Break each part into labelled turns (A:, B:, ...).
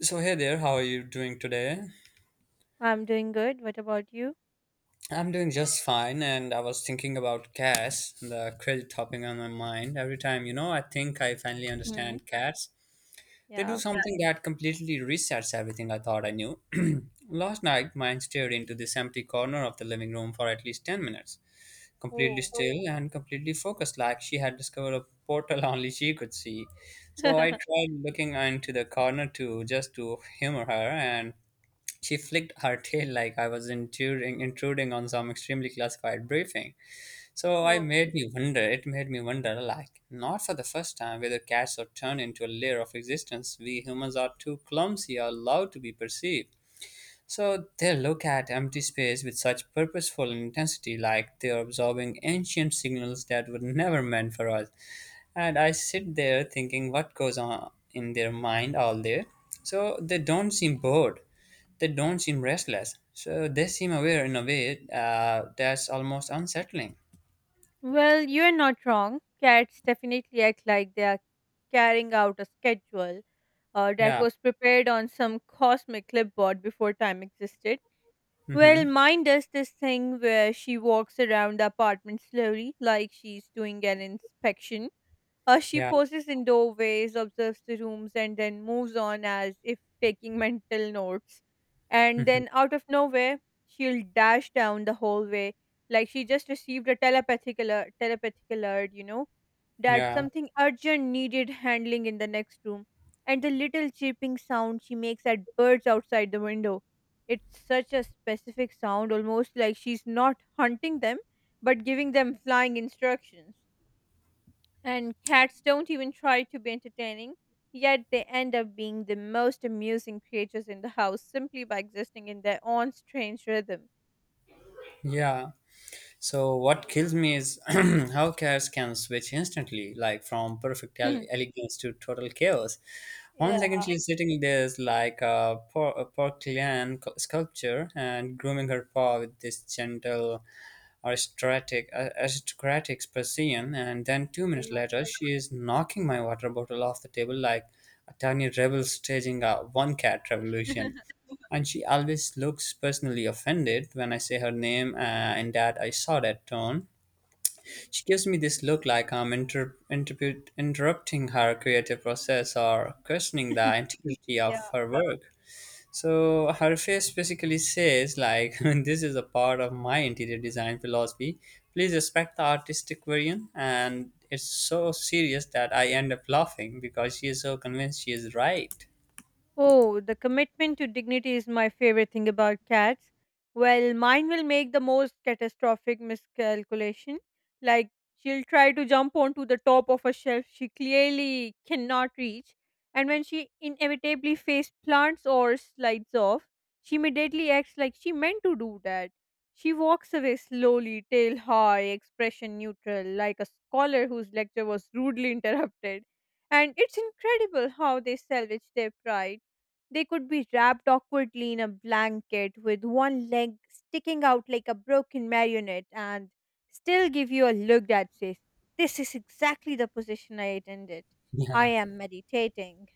A: So, hey there, how are you doing today?
B: I'm doing good. What about you?
A: I'm doing just fine, and I was thinking about CAS, the credit topping on my mind. Every time, you know, I think I finally
B: Hmm.
A: understand CAS. They do,
B: Yeah.
A: yeah, something that completely resets everything I thought I knew. Last night, mine stared into this empty corner of the living room for at least 10 minutes, completely
B: Oh,
A: still and completely focused, like she had discovered a portal only she could see. So I tried looking into the corner too, just to humor her, and she flicked her tail like I was intruding on some extremely classified briefing. So I
B: oh.
A: made me wonder, it made me wonder, like, not for the first time, whether cats are turned into a layer of existence we humans are too clumsy or allowed to be perceived. So they look at empty space with such purposeful intensity, like they are absorbing ancient signals that were never meant for us. And I sit there thinking what goes on in their mind all day. So they don't seem bored. They don't seem restless. So they seem aware in a way that's almost unsettling.
B: Well, you're not wrong. Cats definitely act like they are carrying out a schedule that
A: Yeah.
B: was prepared on some cosmic clipboard before time existed. Well,
A: Mm-hmm.
B: mine does this thing where she walks around the apartment slowly, like she's doing an inspection. She
A: Yeah.
B: poses in doorways, observes the rooms, and then moves on as if taking mental notes. And
A: Mm-hmm.
B: then, out of nowhere, she'll dash down the hallway like she just received a telepathic alert, that
A: Yeah.
B: something urgent needed handling in the next room. And the little chirping sound she makes at birds outside the window. It's such a specific sound, almost like she's not hunting them, but giving them flying instructions, and cats don't even try to be entertaining, yet they end up being the most amusing creatures in the house simply by existing in their own strange rhythm.
A: Yeah. So what kills me is how cars can switch instantly, like from perfect elegance to total chaos. One second
B: Yeah.
A: she's sitting there is like a a porcelain sculpture and grooming her paw with this gentle aristocratic Persian, and then 2 minutes
B: Yeah.
A: later, she is knocking my water bottle off the table like a tiny rebel staging a one cat revolution. And she always looks personally offended when I say her name, and that I saw that tone. She gives me this look like I'm interrupting her creative process or questioning the integrity
B: Yeah.
A: of her work. So Harface basically says like, this is a part of my interior design philosophy. Please respect the artistic variant, and it's so serious that I end up laughing because she is so convinced she is right.
B: Oh, the commitment to dignity is my favorite thing about cats. Well, mine will make the most catastrophic miscalculation. Like, she'll try to jump onto the top of a shelf she clearly cannot reach, and when she inevitably face plants or slides off, she immediately acts like she meant to do that. She walks away slowly, tail high, expression neutral, like a scholar whose lecture was rudely interrupted. And it's incredible how they salvage their pride. They could be wrapped awkwardly in a blanket with one leg sticking out like a broken marionette and still give you a look that says, "This is exactly the position I intended. I
A: Yeah.
B: am meditating."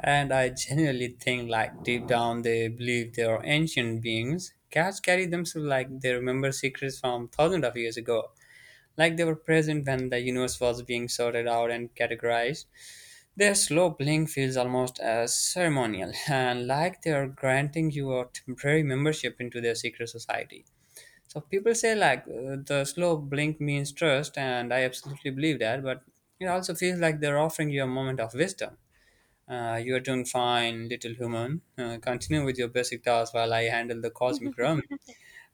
A: And I genuinely think, like, deep down they believe they are ancient beings. Cats carry themselves like they remember secrets from thousands of years ago. Like they were present when the universe was being sorted out and categorized. Their slow blink feels almost as ceremonial and like they are granting you a temporary membership into their secret society. So people say, like, the slow blink means trust, and I absolutely believe that. But it also feels like they're offering you a moment of wisdom. You are doing fine, little human. Continue with your basic tasks while I handle the cosmic realm.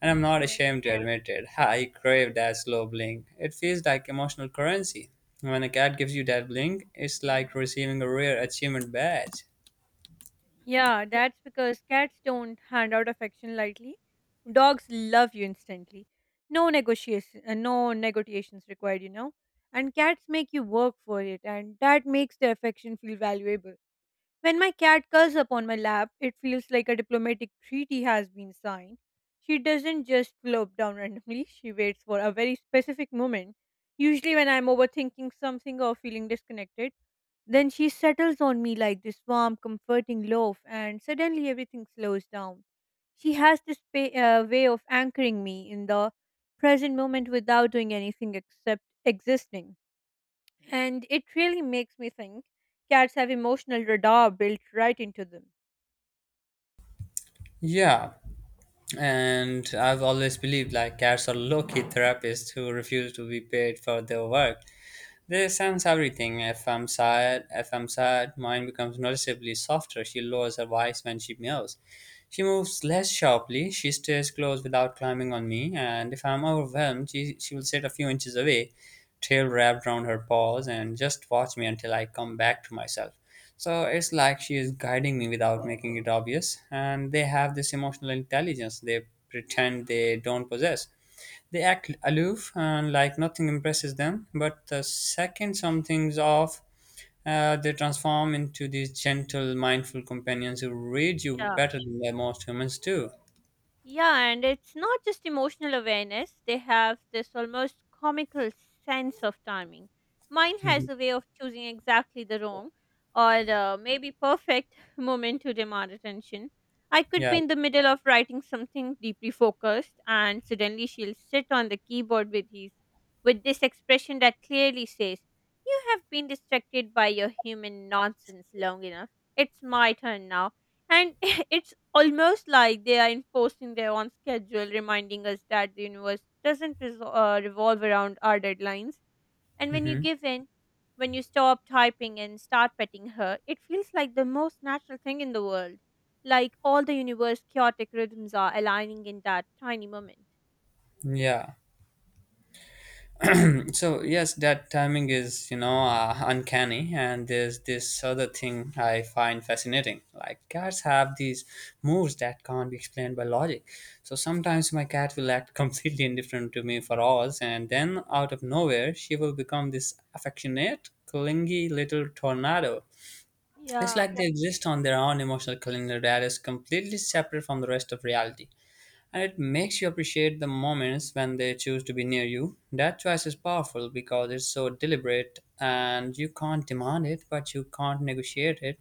A: And I'm not
B: Yeah.
A: ashamed to admit it. I crave that slow blink. It feels like emotional currency. When a cat gives you that blink, it's like receiving a rare achievement badge.
B: Yeah, that's because cats don't hand out affection lightly. Dogs love you instantly. No negotiation, no negotiations required. And cats make you work for it, and that makes the affection feel valuable. When my cat curls upon my lap, it feels like a diplomatic treaty has been signed. She doesn't just flop down randomly, she waits for a very specific moment, usually when I'm overthinking something or feeling disconnected. Then she settles on me like this warm, comforting loaf, and suddenly everything slows down. She has this way of anchoring me in the present moment without doing anything except existing. And it really makes me think cats have emotional radar built right into them.
A: Yeah, and I've always believed, like, cats are low-key therapists who refuse to be paid for their work. They sense everything. If I'm sad, mine becomes noticeably softer. She lowers her voice when she meows. She moves less sharply. She stays close without climbing on me. And if I'm overwhelmed, she will sit a few inches away, tail wrapped around her paws, and just watch me until I come back to myself. So it's like she is guiding me without making it obvious. And they have this emotional intelligence they pretend they don't possess. They act aloof and like nothing impresses them, but the second something's off, they transform into these gentle, mindful companions who read you better than the most humans do.
B: Yeah, and it's not just emotional awareness, they have this almost comical sense of timing. Mine has
A: Mhm.
B: a way of choosing exactly the wrong or maybe perfect moment to demand attention. I could
A: Yeah.
B: be in the middle of writing something deeply focused, and suddenly she'll sit on the keyboard with this expression that clearly says, "You have been distracted by your human nonsense long enough. It's my turn now." And it's almost like they are enforcing their own schedule, reminding us that the universe doesn't revolve around our deadlines. And when you
A: Hmm.
B: give in, when you stop typing and start petting her, it feels like the most natural thing in the world. Like all the universe chaotic rhythms are aligning in that tiny moment.
A: Yeah. So yes, that timing is, you know, uncanny, and there's this other thing I find fascinating. Like cats have these moves that can't be explained by logic. So sometimes my cat will act completely indifferent to me for hours, and then out of nowhere she will become this affectionate, clingy little tornado. It's
B: Yeah.
A: like they exist on their own emotional calendar that is completely separate from the rest of reality, and it makes you appreciate the moments when they choose to be near you. That choice is powerful because it's so deliberate and you can't demand it, but you can't negotiate it.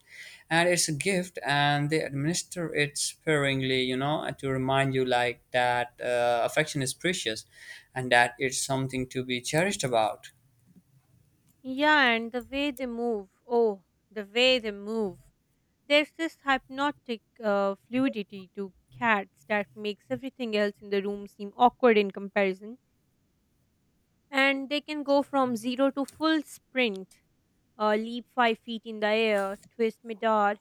A: And it's a gift, and they administer it sparingly, you know, to remind you like that affection is precious and that it's something to be cherished about.
B: Yeah, and the way they move. Oh, the way they move. There's this hypnotic fluidity to cats that makes everything else in the room seem awkward in comparison. And they can go from zero to full sprint, leap 5 feet in the air, twist midair,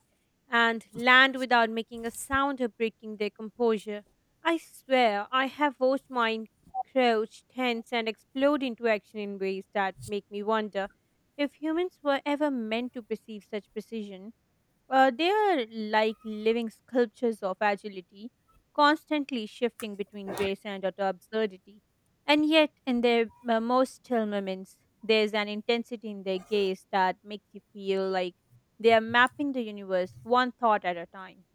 B: and land without making a sound or breaking their composure. I swear, I have watched mine crouch, tense, and explode into action in ways that make me wonder if humans were ever meant to perceive such precision. They are like living sculptures of agility, constantly shifting between grace and utter absurdity. And yet, in their most still moments, there's an intensity in their gaze that makes you feel like they are mapping the universe one thought at a time.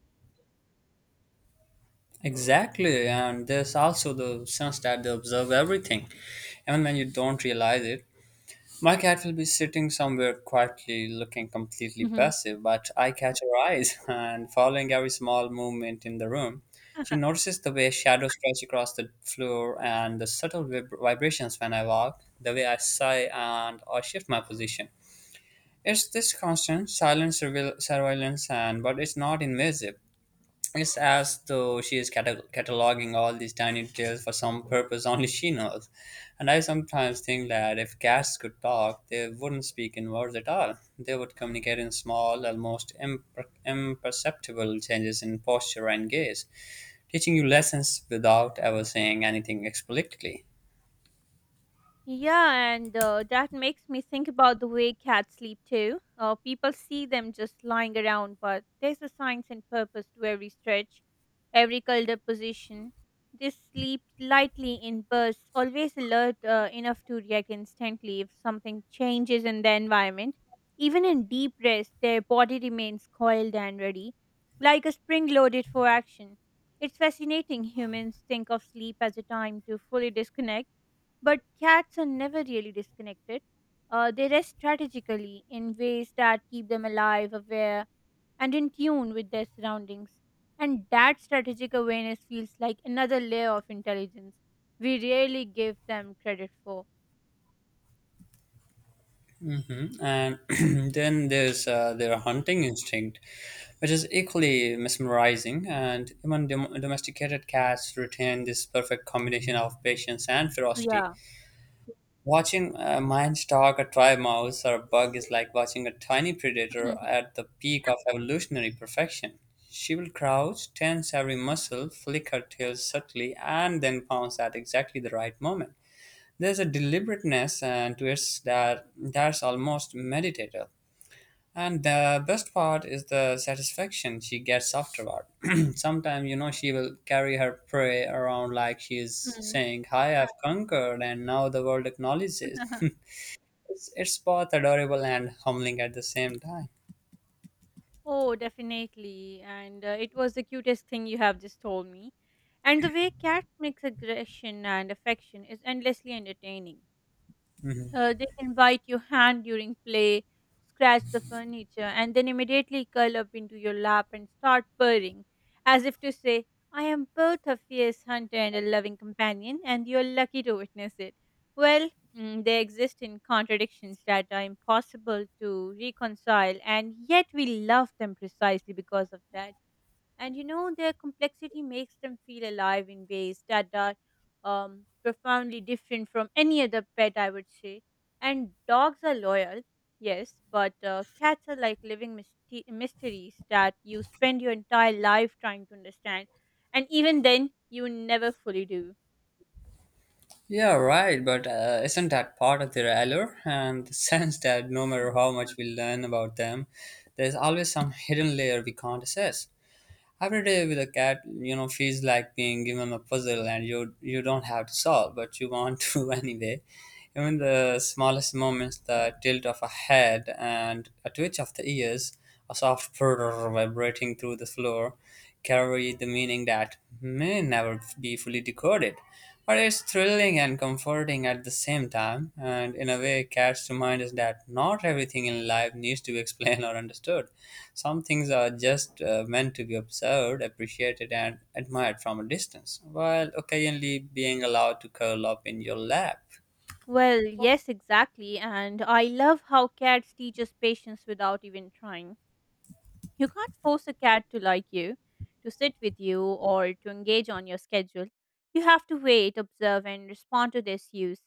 A: Exactly, and there's also the sense that they observe everything, even when you don't realize it. My cat will be sitting somewhere quietly, looking completely passive, but I catch her eyes and following every small movement in the room. She notices the way shadows stretch across the floor and the subtle vibrations when I walk, the way I sigh and or shift my position. It's this constant silent surveillance, and but it's not invasive. It's as though she is cataloging all these tiny details for some purpose only she knows. And I sometimes think that if cats could talk, they wouldn't speak in words at all. They would communicate in small, almost imperceptible changes in posture and gaze, teaching you lessons without ever saying anything explicitly.
B: Yeah, and that makes me think about the way cats sleep too. People see them just lying around, but there's a science and purpose to every stretch, every curled position. They sleep lightly in bursts, always alert enough to react instantly if something changes in their environment. Even in deep rest, their body remains coiled and ready, like a spring loaded for action. It's fascinating, humans think of sleep as a time to fully disconnect, but cats are never really disconnected. They rest strategically in ways that keep them alive, aware, and in tune with their surroundings. And that strategic awareness feels like another layer of intelligence we rarely give them credit for.
A: Hmm. And then there's their hunting instinct, which is equally mesmerizing. And even domesticated cats retain this perfect combination of patience and ferocity.
B: Yeah.
A: Watching a lion stalk a tribe mouse or a bug is like watching a tiny predator at the peak of evolutionary perfection. She will crouch, tense every muscle, flick her tail subtly, and then pounce at exactly the right moment. There's a deliberateness to it that that's almost meditative. And the best part is the satisfaction she gets afterward. Sometimes, you know, she will carry her prey around like she is
B: Mm.
A: saying, "Hi, I've conquered, and now the world acknowledges." It's both adorable and humbling at the same time.
B: Oh, definitely. And it was the cutest thing you have just told me. And the way cats mix aggression and affection is endlessly entertaining.
A: Mhm.
B: They can bite your hand during play, scratch the furniture, and then immediately curl up into your lap and start purring, as if to say, "I am both a fierce hunter and a loving companion, and you're lucky to witness it." Well, they exist in contradictions that are impossible to reconcile, and yet we love them precisely because of that and you know Their complexity makes them feel alive in ways that are profoundly different from any other pet, I would say. And dogs are loyal, yes, but cats are like living mysteries that you spend your entire life trying to understand, and even then you never fully do.
A: Yeah, right, but isn't that part of their allure? And the sense that no matter
B: Hmm.
A: how much we learn about them, there's always some hidden layer we can't assess. Every day with a cat, you know, feels like being given a puzzle and you don't have to solve, but you want to anyway. Even the smallest moments, the tilt of a head and a twitch of the ears, a soft purr vibrating through the floor, carry the meaning that may never be fully decoded. But it's thrilling and comforting at the same time, and in a way, cats remind us that not everything in life needs to be explained or understood. Some things are just meant to be observed, appreciated, and admired from a distance, while occasionally being allowed to curl up in your lap.
B: Well, yes, exactly. And I love how cats teach us patience without even trying. You can't force a cat to like you, to sit with you, or to engage on your schedule. You have to wait, observe, and respond to their cues.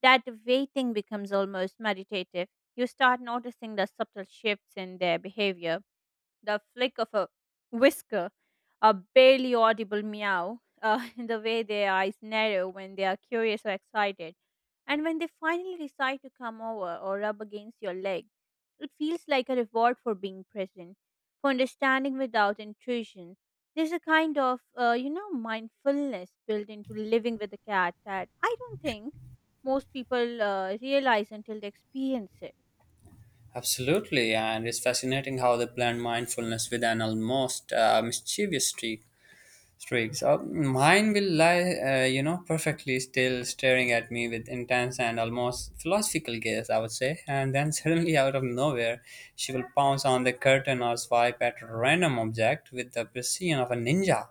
B: That waiting becomes almost meditative. You start noticing the subtle shifts in their behavior, the flick of a whisker, a barely audible meow, the way their eyes narrow when they are curious or excited, and when they finally decide to come over or rub against your leg, it feels like a reward for being present, for understanding without intrusion. There's a kind of, mindfulness built into living with a cat that I don't think most people realize until they experience it.
A: Absolutely, and it's fascinating how they blend mindfulness with an almost mischievous streak. Streaks. Mine will lie, you know, perfectly still, staring at me with intense and almost philosophical gaze, I would say. And then suddenly, out of nowhere, she will pounce on the curtain or swipe at a random object with the precision of a ninja.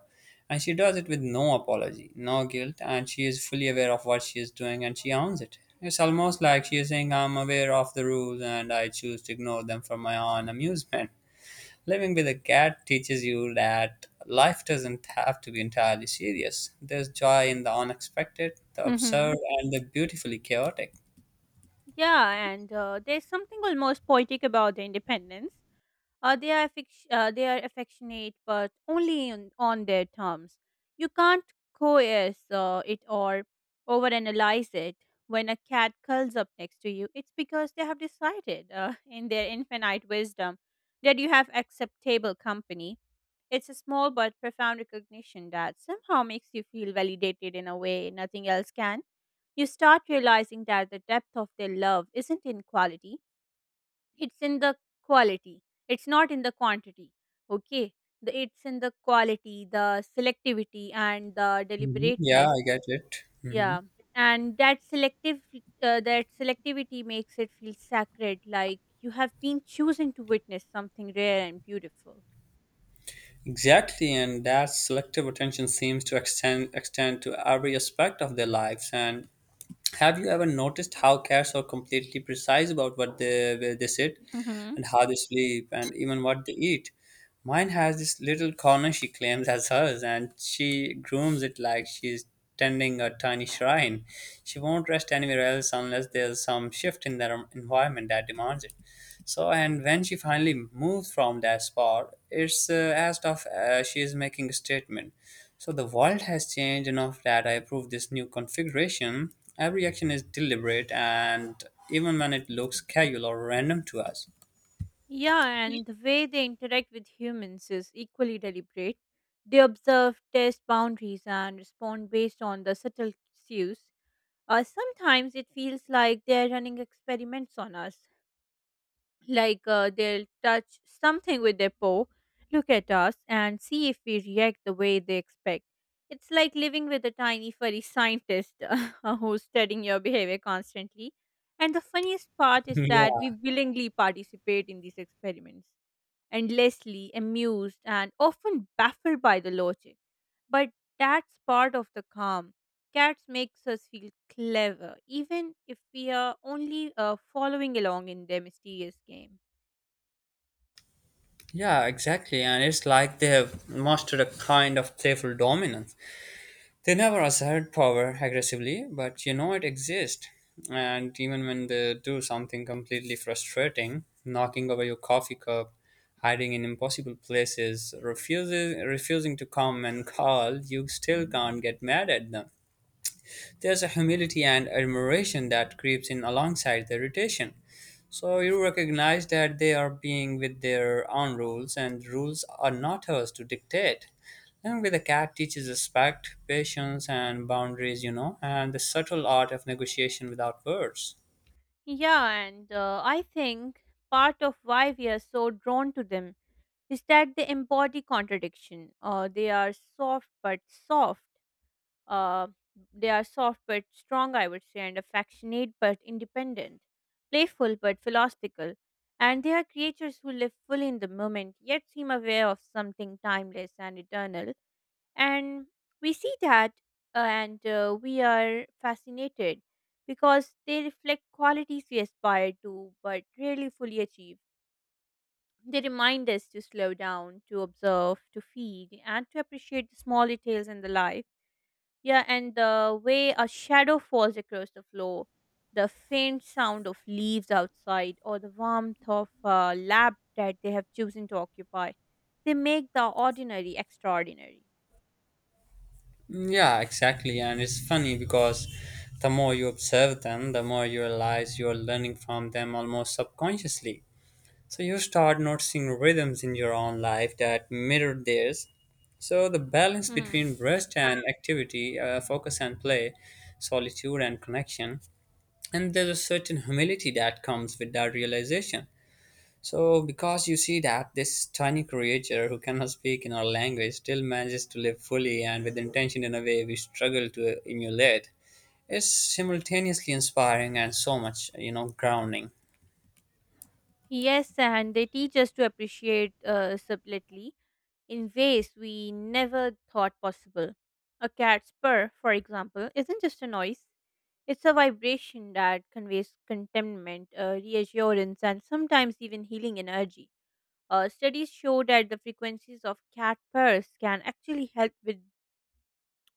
A: And she does it with no apology, no guilt, and she is fully aware of what she is doing and she owns it. It's almost like she is saying, "I'm aware of the rules and I choose to ignore them for my own amusement." Living with a cat teaches you that life doesn't have to be entirely serious. There's joy in the unexpected, the
B: Hmm.
A: absurd, and the beautifully chaotic.
B: Yeah, and there's something almost poetic about the independence. They are affectionate, but only on their terms. You can't coerce it or overanalyze it. When a cat curls up next to you, it's because they have decided, in their infinite wisdom, that you have acceptable company. It's a small but profound recognition that somehow makes you feel validated in a way nothing else can. You start realizing that the depth of their love isn't in quality, it's in the quality, it's not in the quantity, okay, it's in the quality, the selectivity, and the
A: Mhm. Yeah,
B: deliberateness.
A: I get it. Hmm.
B: Yeah, and that selective that selectivity makes it feel sacred, like you have been chosen to witness something rare and beautiful.
A: Exactly, and that selective attention seems to extend to every aspect of their lives, and have you ever noticed how cats are completely precise about what they where they sit
B: Hmm.
A: and how they sleep and even what they eat? Mine has this little corner she claims as hers and she grooms it like she's tending a tiny shrine. She won't rest anywhere else unless there's some shift in their environment that demands it. So, and when she finally moves from that spot, it's as if she is making a statement. So, the world has changed enough that I approve this new configuration. Every action is deliberate, and even when it looks casual or random to us.
B: Yeah, and the way they interact with humans is equally deliberate. They observe, test boundaries, and respond based on the subtle cues. Sometimes it feels like they're running experiments on us, like they'll touch something with their paw, look at us, and see if we react the way they expect. It's like living with a tiny furry scientist who's studying your behavior constantly. And the funniest part is that we
A: Yeah.
B: willingly participate in these experiments endlessly, amused, and often baffled by the logic. But that's part of the calm. Cats makes us feel clever, even if we are only following along in their mysterious game.
A: Yeah, exactly. And it's like they have mastered a kind of playful dominance. They never assert power aggressively, but you know it exists. And even when they do something completely frustrating, knocking over your coffee cup, hiding in impossible places, refusing to come and call, you still can't get mad at them. There's a humility and admiration that creeps in alongside the irritation. So you recognize that they are being with their own rules, and rules are not hers to dictate. And with a cat teaches respect, patience, and boundaries, you know, and the subtle art of negotiation without words.
B: Yeah, and I think part of why we are so drawn to them is that they embody contradiction. Uh, they are soft but strong, I would say, and affectionate but independent, playful but philosophical. And they are creatures who live fully in the moment, yet seem aware of something timeless and eternal. And we see that, and we are fascinated because they reflect qualities we aspire to but rarely fully achieve. They remind us to slow down, to observe, to feel, and to appreciate the small details in the life. Yeah, and the way a shadow falls across the floor, the faint sound of leaves outside, or the warmth of a lab that they have chosen to occupy, they make the ordinary extraordinary.
A: Mm, yeah, exactly. And it's funny because the more you observe them, the more you realize you're learning from them almost subconsciously. So you start noticing rhythms in your own life that mirror theirs. So the balance
B: Hmm.
A: between rest and activity, focus and play, solitude and connection, and there's a certain humility that comes with that realization. So because you see that this tiny creature who cannot speak in our language still manages to live fully and with intention in a way we struggle to emulate, is simultaneously inspiring and so much grounding.
B: Yes, and they teach us to appreciate subtlety in ways we never thought possible. A cat's purr, for example, isn't just a noise, it's a vibration that conveys contentment, reassurance, and sometimes even healing energy. Studies show that the frequencies of cat purrs can actually help with,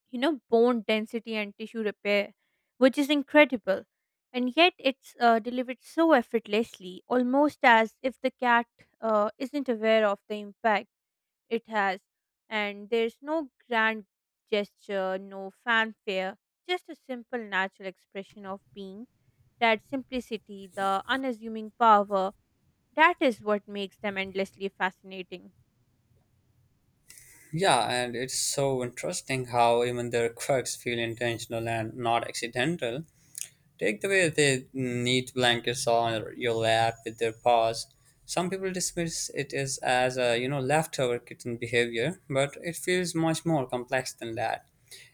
B: you know, bone density and tissue repair, which is incredible. And yet, it's delivered so effortlessly, almost as if the cat isn't aware of the impact it has. And there's no grand gesture, no fanfare, just a simple, natural expression of being, that simplicity, the unassuming power, that is what makes them endlessly fascinating.
A: Yeah, and it's so interesting how even their quirks feel intentional and not accidental. Take the way they knit blankets on your lap with their paws. Some people dismiss it as a leftover kitten behavior, but it feels much more complex than that.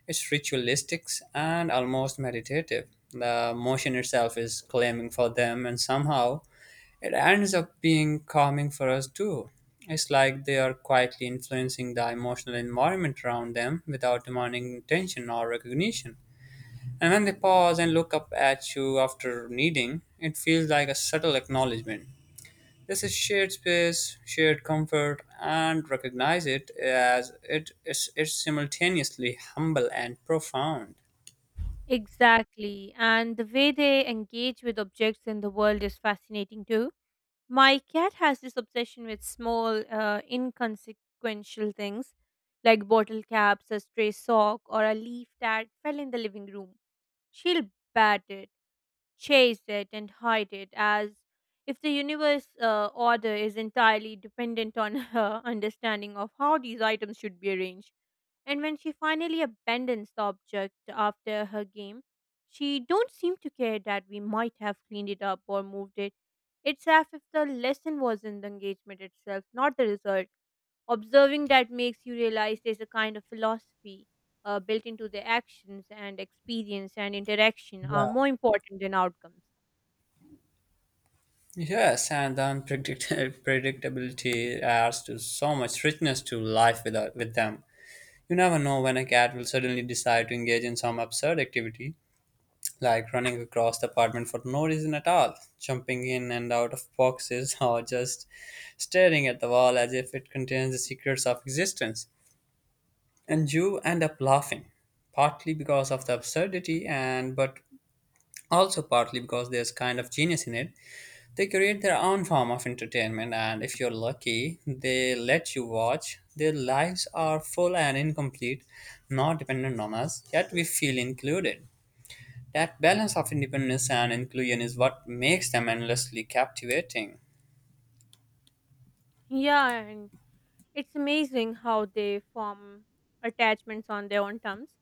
A: It's ritualistic and almost meditative. The motion itself is claiming for them, and somehow it ends up being calming for us too. It's like they are quietly influencing the emotional environment around them without demanding attention or recognition. And when they pause and look up at you after kneading, it feels like a subtle acknowledgement. This is shared space, shared comfort, and recognize it as it is, it's simultaneously humble and profound.
B: Exactly. And the way they engage with objects in the world is fascinating too. My cat has this obsession with small, inconsequential things like bottle caps, a stray sock, or a leaf that fell in the living room. She'll bat it, chase it and hide it as if the universe order is entirely dependent on her understanding of how these items should be arranged, and when she finally abandons the object after her game, she don't seem to care that we might have cleaned it up or moved it. It's as if the lesson was in the engagement itself, not the result. Observing that makes you realize there's a kind of philosophy built into the actions, and experience and interaction are
A: Yeah.
B: more important than outcomes.
A: Yes, and the unpredictability predictability adds to so much richness to life with them. You never know when a cat will suddenly decide to engage in some absurd activity, like running across the apartment for no reason at all, jumping in and out of boxes, or just staring at the wall as if it contains the secrets of existence. And you end up laughing, partly because of the absurdity, and but also partly because there's kind of genius in it. They create their own form of entertainment, and if you're lucky, they let you watch. Their lives are full and incomplete, not dependent on us, yet we feel included. That balance of independence and inclusion is what makes them endlessly captivating.
B: Yeah, and it's amazing how they form attachments on their own terms.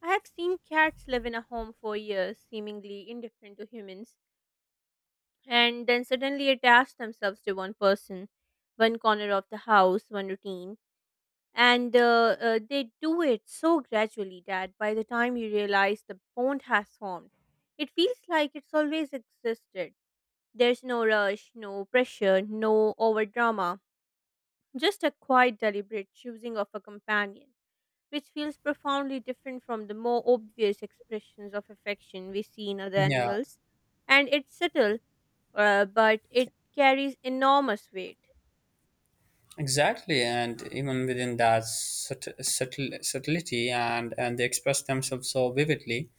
B: I have seen cats live in a home for years, seemingly indifferent to humans, and then suddenly attach themselves to one person, one corner of the house, one routine. And they do it so gradually that by the time you realize the bond has formed, it feels like it's always existed. There's no rush, no pressure, no over drama, just a quiet, deliberate choosing of a companion, which feels profoundly different from the more obvious expressions of affection we see in other
A: Yeah,
B: animals. And it's subtle, but it carries enormous weight.
A: exactly. And even within that subtlety, and they express themselves so vividly.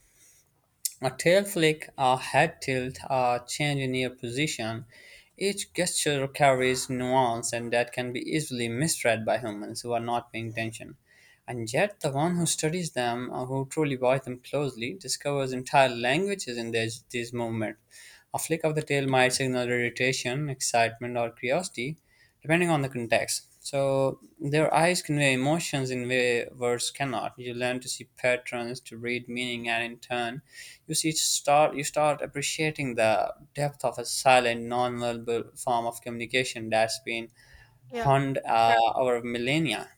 A: A tail flick, a head tilt, a change in ear position. Each gesture carries nuance and that can be easily misread by humans who are not paying attention. And yet, the one who studies them, or who truly watches them closely, discovers entire languages in these movements. A flick of the tail might signal irritation, excitement, or curiosity, depending on the context. So their eyes convey emotions in way words cannot. You learn to see patterns, to read meaning, and in turn, you start appreciating the depth of a silent, non-verbal form of communication that's been
B: Yeah.
A: honed over millennia.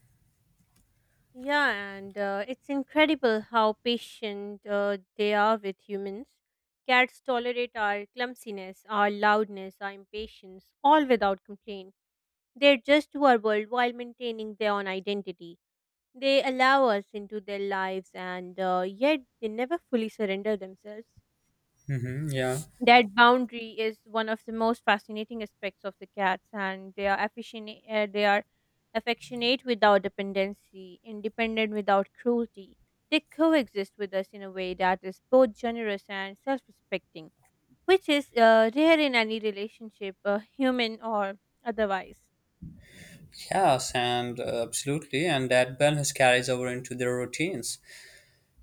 B: Yeah, and it's incredible how patient they are with humans. Cats tolerate our clumsiness, our loudness, our impatience, all without complaint. They adjust to our world while maintaining their own identity. They allow us into their lives, and yet they never fully surrender themselves.
A: Hmm, yeah.
B: That boundary is one of the most fascinating aspects of the cats, and they are affectionate without dependency, independent without cruelty. They coexist with us in a way that is both generous and self-respecting, which is rare in any relationship, human or otherwise.
A: Yes, and absolutely, and that balance carries over into their routines.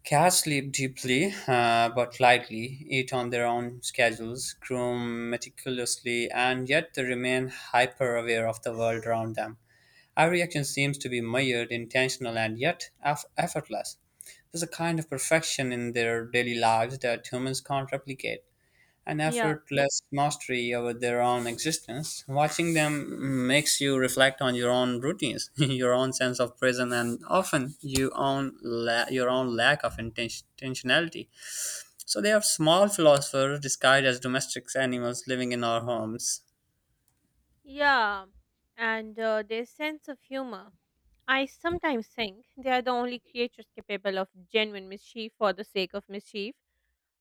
A: Cats sleep deeply but lightly, eat on their own schedules, groom meticulously, and yet they remain hyper aware of the world around them. Every action seems to be measured, intentional, and yet effortless. There's a kind of perfection in their daily lives that humans can't replicate, an
B: Yeah,
A: effortless mastery over their own existence. Watching them makes you reflect on your own routines, your own sense of prison, and often you own your own lack of intentionality. So they are small philosophers disguised as domestic animals living in our homes.
B: yeah, and their sense of humor. I sometimes think they are the only creatures capable of genuine mischief for the sake of mischief.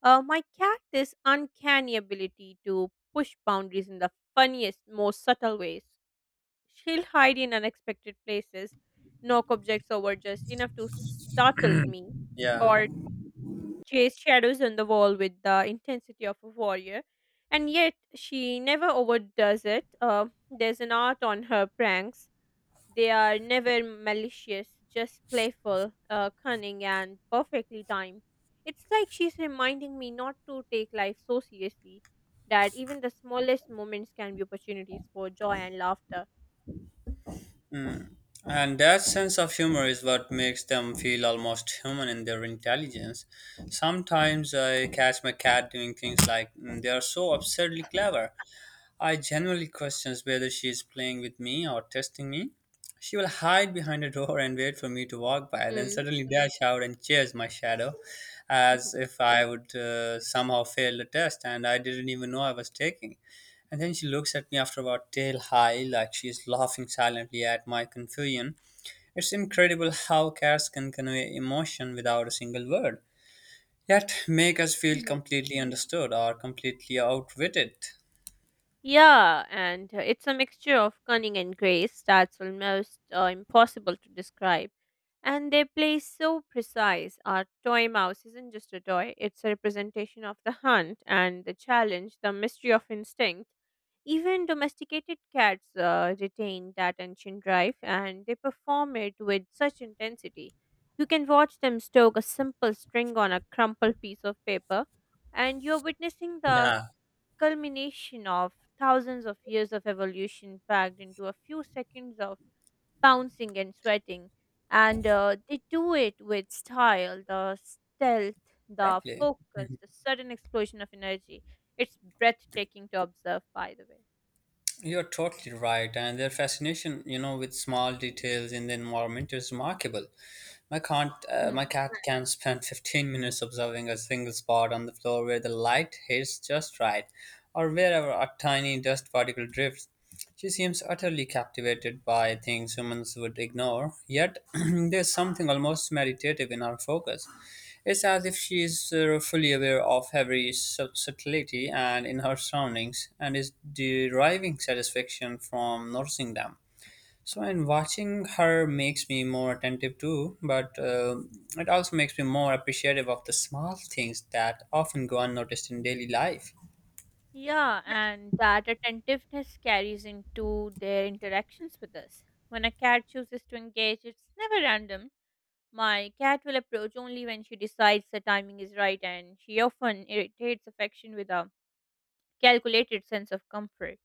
B: My cat this uncanny ability to push boundaries in the funniest, most subtle ways. She'll hide in unexpected places, knock objects over just enough to startle me,
A: Yeah.
B: or chase shadows on the wall with the intensity of a warrior. And yet, she never overdoes it. There's an art on her pranks, they are never malicious, just playful, cunning, and perfectly timed. It's like she's reminding me not to take life so seriously, that even the smallest moments can be opportunities for joy and laughter.
A: Mm. And that sense of humor is what makes them feel almost human in their intelligence. Sometimes I catch my cat doing things like they are so absurdly clever I genuinely questions whether she is playing with me or testing me. She will hide behind a door and wait for me to walk by, then
B: Mm.
A: suddenly dash out and chase my shadow as
B: Mhm.
A: if I would somehow fail the test and I didn't even know I was taking. And then she looks at me after about tail high, like she is laughing silently at my confusion. It's incredible how cats can convey emotion without a single word, yet make us feel
B: Mhm.
A: completely understood or completely outwitted.
B: Yeah, and it's a mixture of cunning and grace that's almost impossible to describe. And their play is so precise. Our toy mouse isn't just a toy, it's a representation of the hunt and the challenge, the mystery of instinct. Even domesticated cats retain that ancient drive and they perform it with such intensity. You can watch them stroke a simple string on a crumpled piece of paper, and you're witnessing the
A: Yeah,
B: culmination of thousands of years of evolution packed into a few seconds of pouncing and sweating. And they do it with style, the stealth, the
A: exactly.
B: focus, the sudden explosion of energy. It's breathtaking to observe, by the way.
A: You're totally right, and their fascination, you know, with small details in the environment is remarkable. My can't My
B: Hmm.
A: cat can spend 15 minutes observing a single spot on the floor where the light hits just right, or wherever a tiny dust particle drifts. She seems utterly captivated by things humans would ignore, yet there's something almost meditative in her focus. It's as if she is fully aware of every subtlety and in her surroundings and is deriving satisfaction from noticing them. So, and watching her makes me more attentive too, but it also makes me more appreciative of the small things that often go unnoticed in daily life.
B: Yeah, and that attentiveness carries into their interactions with us. When a cat chooses to engage, it's never random. My cat will approach only when she decides the timing is right, and she often irritates affection with a calculated sense of comfort.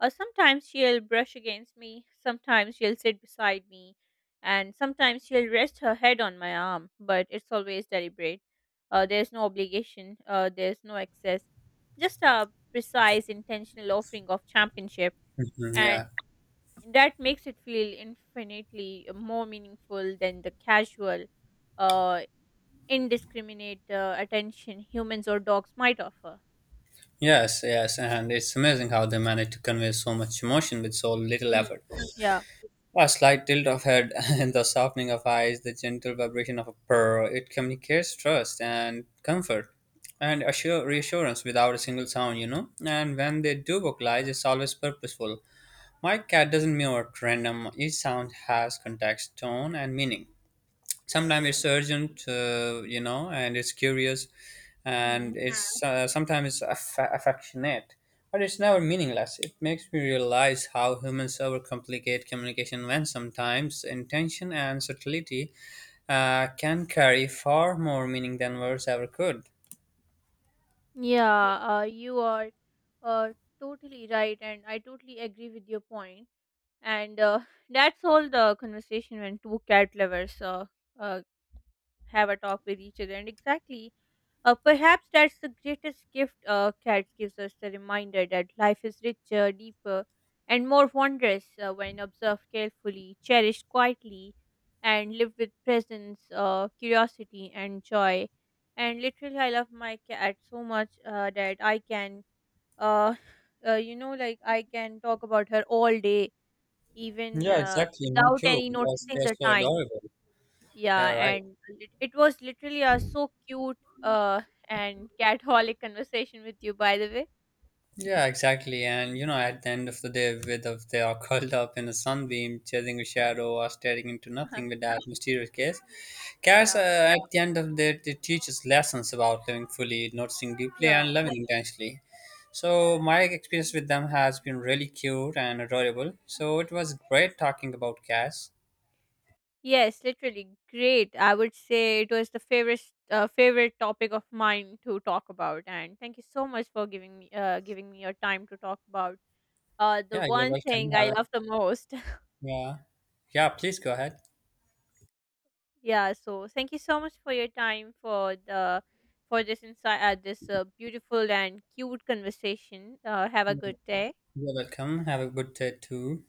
B: Sometimes she'll brush against me, sometimes she'll sit beside me, and sometimes she'll rest her head on my arm, but it's always deliberate. Uh, there's no obligation, there's no excess, just a precise, intentional offering of championship,
A: Mhm,
B: and
A: yeah.
B: that makes it feel infinitely more meaningful than the casual, uh, indiscriminate attention humans or dogs might offer.
A: Yes, yes, and it's amazing how they manage to convey so much emotion with so little
B: Hmm.
A: effort.
B: Yeah.
A: A slight tilt of head and the softening of eyes, the gentle vibration of a purr, it communicates trust and comfort and assure reassurance without a single sound, you know. And when they do vocalize, it's always purposeful. My cat doesn't meow at random. Each sound has context, tone, and meaning. Sometimes it's urgent, you know, and it's curious, and
B: Hmm.
A: hmm, it's sometimes it's affectionate, but it's never meaningless. It makes me realize how humans overcomplicate communication when sometimes intention and subtlety can carry far more meaning than words ever could.
B: Yeah, you are uh, totally right, and I totally agree with your point. And that's all the conversation when two cat lovers uh, have a talk with each other. And exactly, perhaps that's the greatest gift cats gives us, the reminder that life is richer, deeper, and more wondrous when observed carefully, cherished quietly, and lived with presence, curiosity, and joy. And literally, I love my cat so much that I can, uh, you know, like I can talk about her all day, even
A: Yeah, exactly. Me
B: without
A: too,
B: any
A: because
B: noticing
A: they're
B: the
A: so
B: time.
A: adorable. Yeah,
B: Yeah,
A: right.
B: and it was literally a so cute uh and catholic conversation with you, by the way.
A: Yeah, exactly. And you know, at the end of the day, whether they are curled up in a sunbeam, chasing a shadow, or staring into nothing with that mysterious gaze, cats,
B: Yeah.
A: at the end of the day they teach us lessons about living fully, noticing deeply,
B: Yeah.
A: and loving intensely. So my experience with them has been really cute and adorable. So it
B: Mhm.
A: was great talking about cats.
B: Yes, literally great. I would say it was the favorite topic of mine to talk about, and thank you so much for giving me your time to talk about the
A: Yeah, you're
B: one
A: welcome.
B: thing
A: Have
B: I
A: a,
B: love the most.
A: yeah, yeah. Please go ahead.
B: Yeah, so thank you so much for your time for the for this insight, this beautiful and cute conversation. Have a good day.
A: You're welcome. Have a good day too.